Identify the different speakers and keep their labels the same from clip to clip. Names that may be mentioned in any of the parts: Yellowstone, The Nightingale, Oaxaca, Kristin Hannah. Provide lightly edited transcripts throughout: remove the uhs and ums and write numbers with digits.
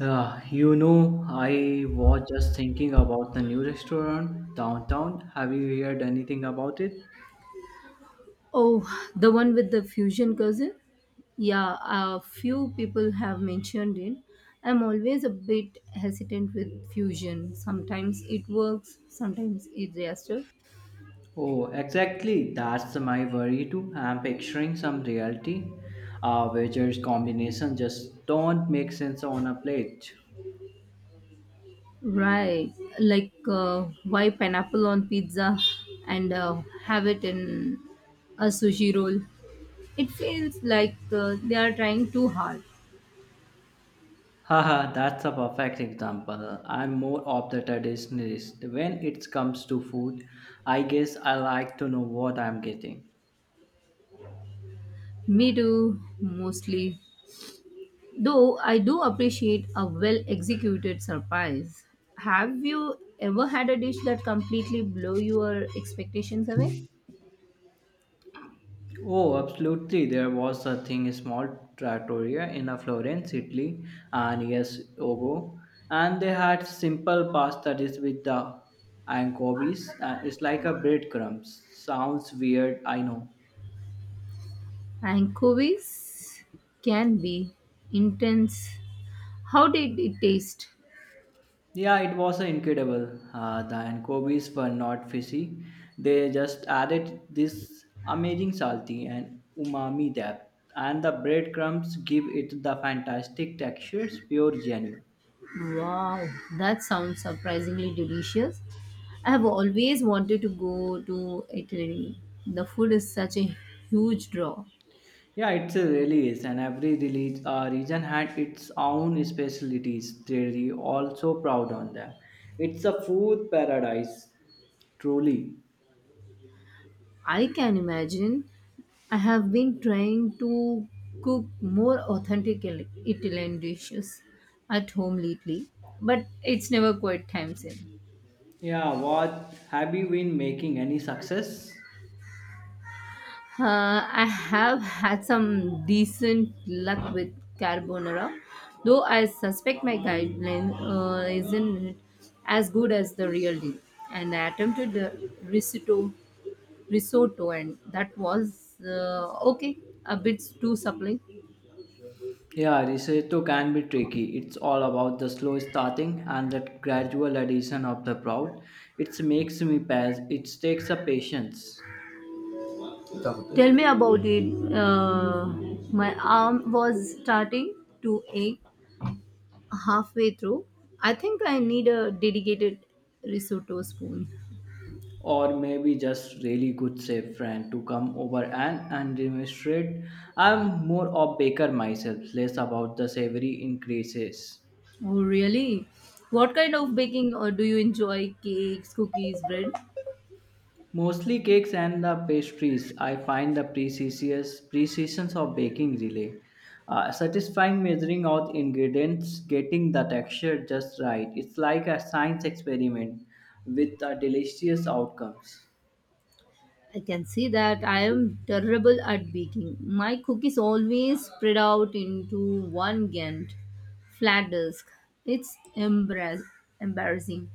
Speaker 1: I was just thinking about the new restaurant downtown. Have you heard anything about it?
Speaker 2: Oh, the one with the fusion cousin? Yeah, a few people have mentioned it. I'm always a bit hesitant with fusion. Sometimes it works, sometimes it doesn't.
Speaker 1: Oh, exactly. That's my worry too. I'm picturing some reality wedges combination just don't make sense on a plate.
Speaker 2: Right, like why pineapple on pizza and have it in a sushi roll? It feels like they are trying too hard.
Speaker 1: Haha, that's a perfect example. I'm more of the traditionalist. When it comes to food, I guess I like to know what I'm getting.
Speaker 2: Me too, mostly. Though I do appreciate a well executed surprise. Have you ever had a dish that completely blow your expectations away?
Speaker 1: Oh, absolutely. There was a thing, a small trattoria in a Florence, Italy, and yes, ago. And they had simple pasta dish with the anchovies. And it's like a breadcrumbs. Sounds weird, I know.
Speaker 2: Anchovies can be intense. How did it taste?
Speaker 1: Yeah, it was incredible. The anchovies were not fishy. They just added this amazing salty and umami depth. And the breadcrumbs give it the fantastic textures, pure genuine.
Speaker 2: Wow, that sounds surprisingly delicious. I have always wanted to go to Italy. The food is such a huge draw.
Speaker 1: Yeah, it really is, and every release, region had its own specialties. They're also proud on them. It's a food paradise, truly.
Speaker 2: I can imagine I have been trying to cook more authentic Italian dishes at home lately, but it's never quite time same.
Speaker 1: Yeah, what have you been making any success?
Speaker 2: I have had some decent luck with carbonara, though I suspect my guideline isn't as good as the real deal. And I attempted the risotto, and that was okay, a bit too supple.
Speaker 1: Yeah, risotto can be tricky. It's all about the slow starting and that gradual addition of the proud. It makes me pass. It takes a patience.
Speaker 2: Tell me about it. Uh, my arm was starting to ache halfway through. I think I need a dedicated risotto spoon.
Speaker 1: Or maybe just really good safe friend to come over and demonstrate. I'm more of baker myself less about the savory increases.
Speaker 2: Oh, really? What kind of baking do you enjoy? Cakes, cookies, bread?
Speaker 1: Mostly cakes and the pastries. I find the precisions of baking really satisfying, measuring out ingredients, getting the texture just right. It's like a science experiment with delicious outcomes.
Speaker 2: I can see that I am terrible at baking. My cookies always spread out into one Gantt flat disk. It's embarrass- embarrassing.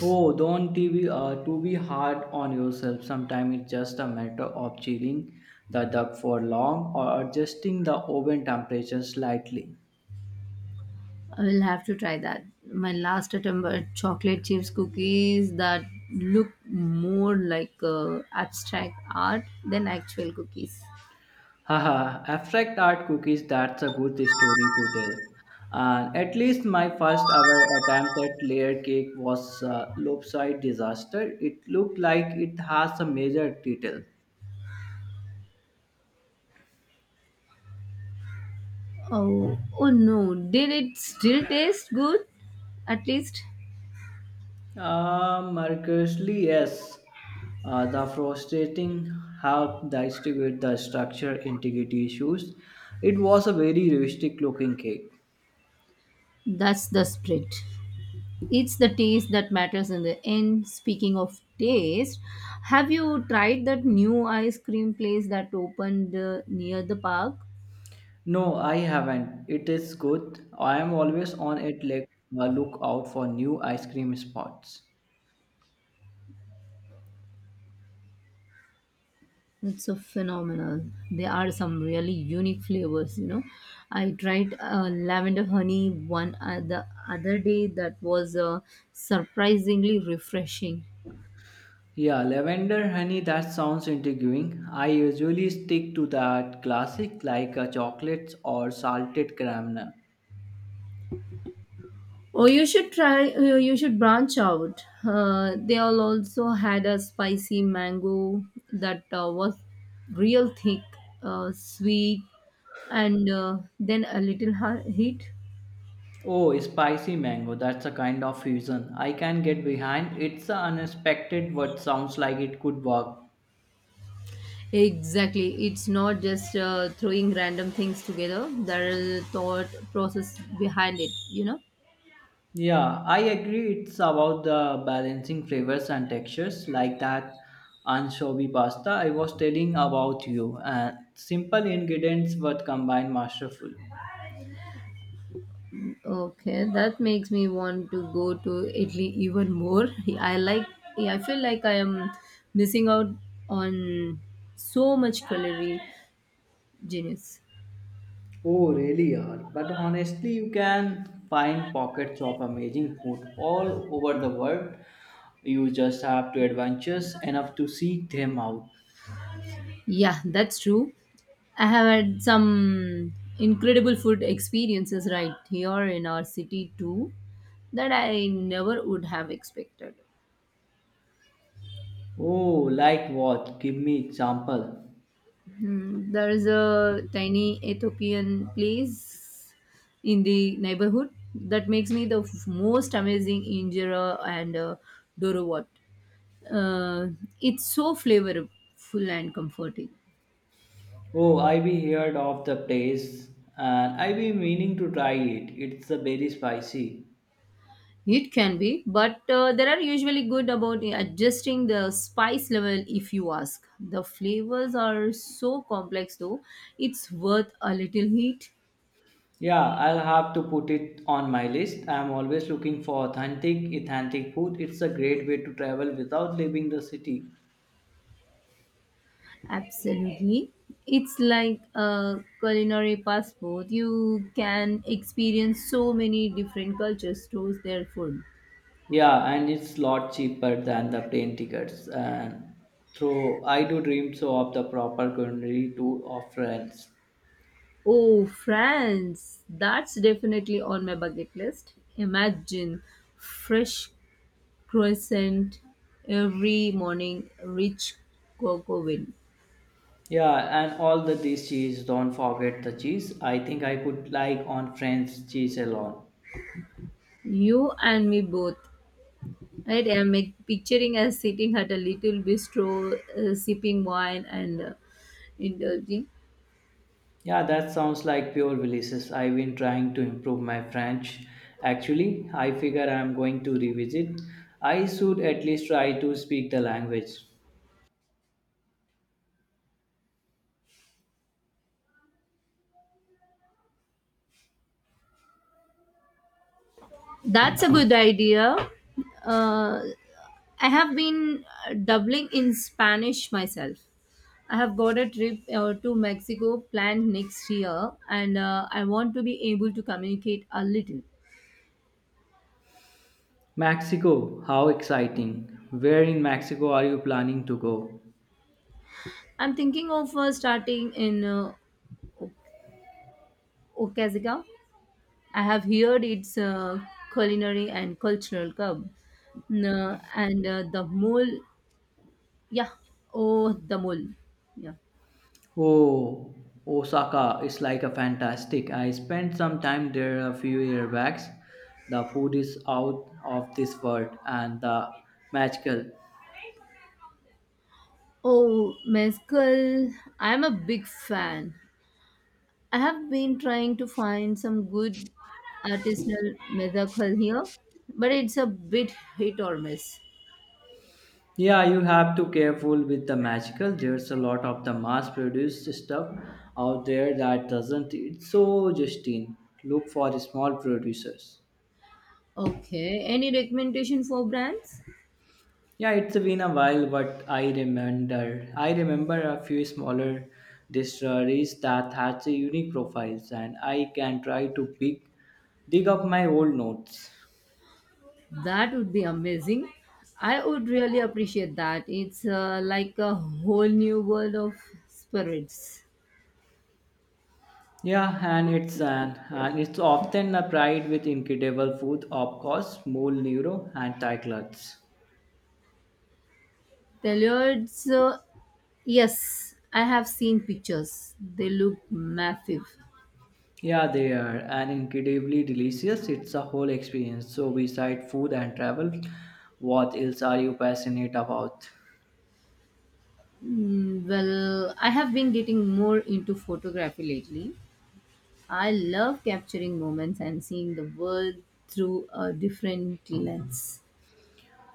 Speaker 1: Oh, don't TV, to be hard on yourself. Sometimes it's just a matter of chilling the duck for long or adjusting the oven temperature slightly.
Speaker 2: I will have to try that. My last attempt at chocolate chips cookies that look more like abstract art than actual cookies.
Speaker 1: Haha, abstract art cookies, that's a good story to tell. And at least my first ever attempt at layer cake was a lopsided disaster. It looked like it has a major detail.
Speaker 2: Oh, oh no! Did it still taste good? At least
Speaker 1: Mercuriously, yes. The frustrating help distribute the structure integrity issues. It was a very realistic looking cake.
Speaker 2: that's the spirit. It's the taste that matters in the end. Speaking of taste, have you tried that new ice cream place that opened near the park?
Speaker 1: No, I haven't. It is good. I am always on it like a lookout for new ice cream spots.
Speaker 2: It's so phenomenal. There are some really unique flavors. I tried lavender honey one the other day that was surprisingly refreshing.
Speaker 1: Yeah, lavender honey, that sounds intriguing. I usually stick to that classic like a chocolates or salted caramel.
Speaker 2: Oh, you should try. You should branch out. They all also had a spicy mango that was real thick, sweet, and then a little heat.
Speaker 1: Oh, spicy mango. That's a kind of fusion I can get behind. It's a unexpected what sounds like it could work.
Speaker 2: Exactly. It's not just throwing random things together. There is a thought process behind it?
Speaker 1: Yeah, I agree. It's about the balancing flavors and textures like that anchovy pasta I was telling about you. And simple ingredients but combined masterful.
Speaker 2: Okay, that makes me want to go to Italy even more. I like, yeah, I feel like I am missing out on so much culinary genius.
Speaker 1: Oh, really are. But honestly, you can find pockets of amazing food all over the world. You just have to adventures enough to seek them out.
Speaker 2: Yeah, that's true. I have had some incredible food experiences right here in our city too that I never would have expected.
Speaker 1: Oh, like what? Give me example.
Speaker 2: Hmm, there is a tiny Ethiopian place in the neighborhood that makes me the most amazing injera and dorowat. Uh, it's so flavorful and comforting.
Speaker 1: Oh, I've heard of the place and I've been meaning to try it. It's a very spicy.
Speaker 2: It can be, but there are usually good about adjusting the spice level if you ask. The flavors are so complex though, it's worth a little heat.
Speaker 1: Yeah, I'll have to put it on my list. I'm always looking for authentic food. It's a great way to travel without leaving the city.
Speaker 2: Absolutely. It's like a culinary passport. You can experience so many different cultures through their food.
Speaker 1: Yeah, and it's lot cheaper than the plane tickets. And through I do dream so of the proper culinary tour of France.
Speaker 2: Oh, France! That's definitely on my bucket list. Imagine fresh croissant every morning, rich cocoa win.
Speaker 1: Yeah, and all the this cheese, don't forget the cheese. I think I could like on French cheese alone.
Speaker 2: You and me both. Right? I'm like, picturing us sitting at a little bistro, sipping wine and indulging.
Speaker 1: Yeah, that sounds like pure delicious. I've been trying to improve my French. Actually, I figure I'm going to revisit. I should at least try to speak the language.
Speaker 2: That's a good idea. Uh, I have been doubling in Spanish myself. I have got a trip to Mexico planned next year, and I want to be able to communicate a little.
Speaker 1: Mexico, how exciting. Where in Mexico are you planning to go?
Speaker 2: I'm thinking of starting in O- Oaxaca. I have heard it's a culinary and cultural hub, and the mole, yeah, oh, the mole, yeah.
Speaker 1: Oh, Osaka is like a fantastic. I spent some time there a few years back. The food is out of this world and the magical.
Speaker 2: Oh, mezcal. I'm a big fan. I have been trying to find some good artisanal mezcal here, but it's a bit hit or miss.
Speaker 1: Yeah, you have to careful with the magical. There's a lot of the mass produced stuff out there that doesn't it's so Justine. Look for the small producers.
Speaker 2: Okay, any recommendation for brands?
Speaker 1: Yeah, it's been a while, but I remember a few smaller distilleries that had a unique profiles, and I can try to pick dig up my old notes.
Speaker 2: That would be amazing. I would really appreciate that. It's like a whole new world of spirits.
Speaker 1: Yeah, and it's often a pride with incredible food, of course, mole neuro and Thai clubs.
Speaker 2: Tellurids, yes, I have seen pictures. They look massive.
Speaker 1: Yeah, they are and incredibly delicious. It's a whole experience. So, beside food and travel, what else are you passionate about?
Speaker 2: Mm, well, I have been getting more into photography lately. I love capturing moments and seeing the world through a different lens.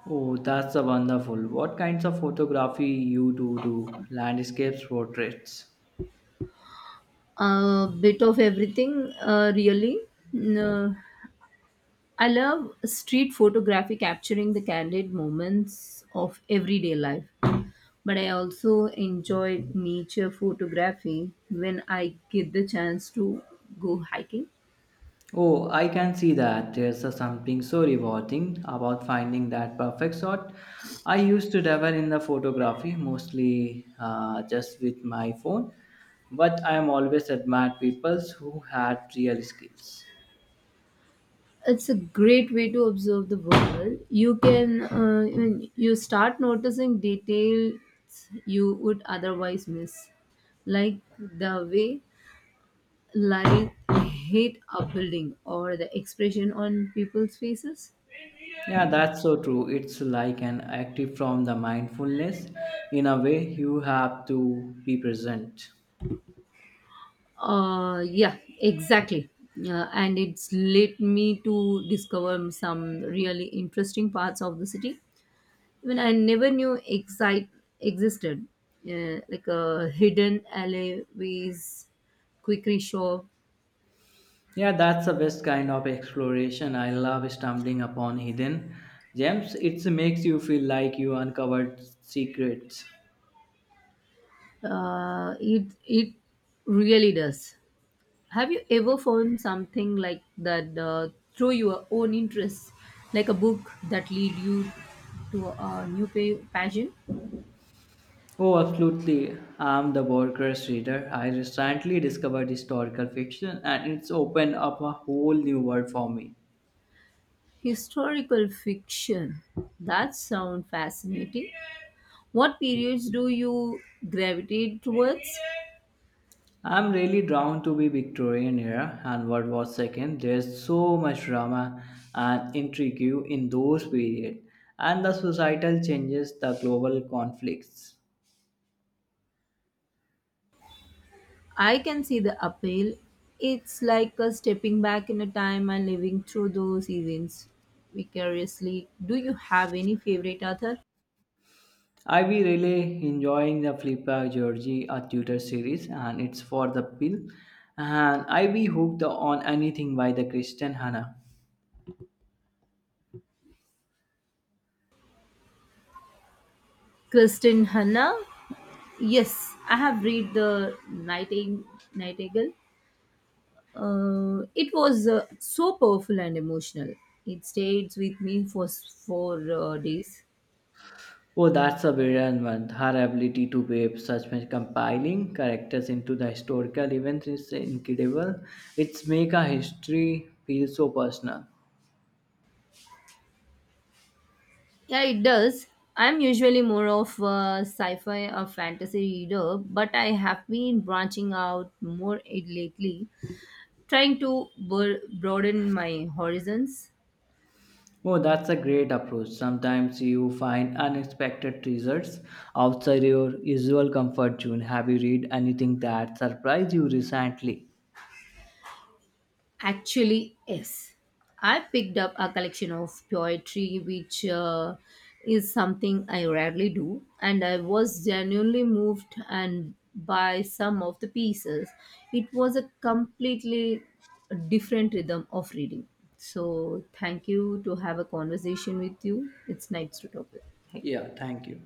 Speaker 1: Oh, that's a wonderful. What kinds of photography you do? Landscapes, portraits.
Speaker 2: A bit of everything, really. No, I love street photography, capturing the candid moments of everyday life. But I also enjoy nature photography when I get the chance to go hiking.
Speaker 1: Oh, I can see that. There's a something so rewarding about finding that perfect shot. I used to dabble in the photography mostly just with my phone, but I am always admired people who had real skills.
Speaker 2: It's a great way to observe the world. You can I mean, you start noticing details you would otherwise miss, like the way light hit a building or the expression on people's faces.
Speaker 1: Yeah, that's so true. It's like an active from the mindfulness. In a way, you have to be present.
Speaker 2: Yeah, exactly. And it's led me to discover some really interesting parts of the city even I never knew excite existed. Yeah, like hidden alleyways, quickie shop.
Speaker 1: Yeah, that's the best kind of exploration. I love stumbling upon hidden gems. It makes you feel like you uncovered secrets.
Speaker 2: It really does. Have you ever found something like that through your own interests, like a book that lead you to a new passion?
Speaker 1: Oh, absolutely. I'm the Borges reader. I recently discovered historical fiction and it's opened up a whole new world for me.
Speaker 2: Historical fiction. That sound fascinating. What periods do you gravitate towards?
Speaker 1: I'm really drawn to be Victorian era and World War II. There's so much drama and intrigue in those periods and the societal changes, the global conflicts.
Speaker 2: I can see the appeal. It's like a stepping back in a time and living through those events vicariously. Do you have any favorite author?
Speaker 1: I be really enjoying the Flippa Georgie a tutor series and it's for the pill and I be hooked on anything by the Christian Hannah.
Speaker 2: Kristin Hanna? Yes, I have read the Nightingale. It was so powerful and emotional. It stayed with me for four days.
Speaker 1: Oh that's a brilliant one. Her ability to weave such a compiling characters into the historical events is incredible. It's make a history feel so personal.
Speaker 2: Yeah, it does. I'm usually more of a sci-fi or fantasy reader, but I have been branching out more lately, trying to broaden my horizons.
Speaker 1: Oh, that's a great approach. Sometimes you find unexpected treasures outside your usual comfort zone. Have you read anything that surprised you recently?
Speaker 2: Actually, yes. I picked up a collection of poetry, which is something I rarely do, and I was genuinely moved and by some of the pieces. It was a completely different rhythm of reading. So, thank you to have a conversation with you. It's nice to talk with. Thank you.
Speaker 1: Yeah, thank you.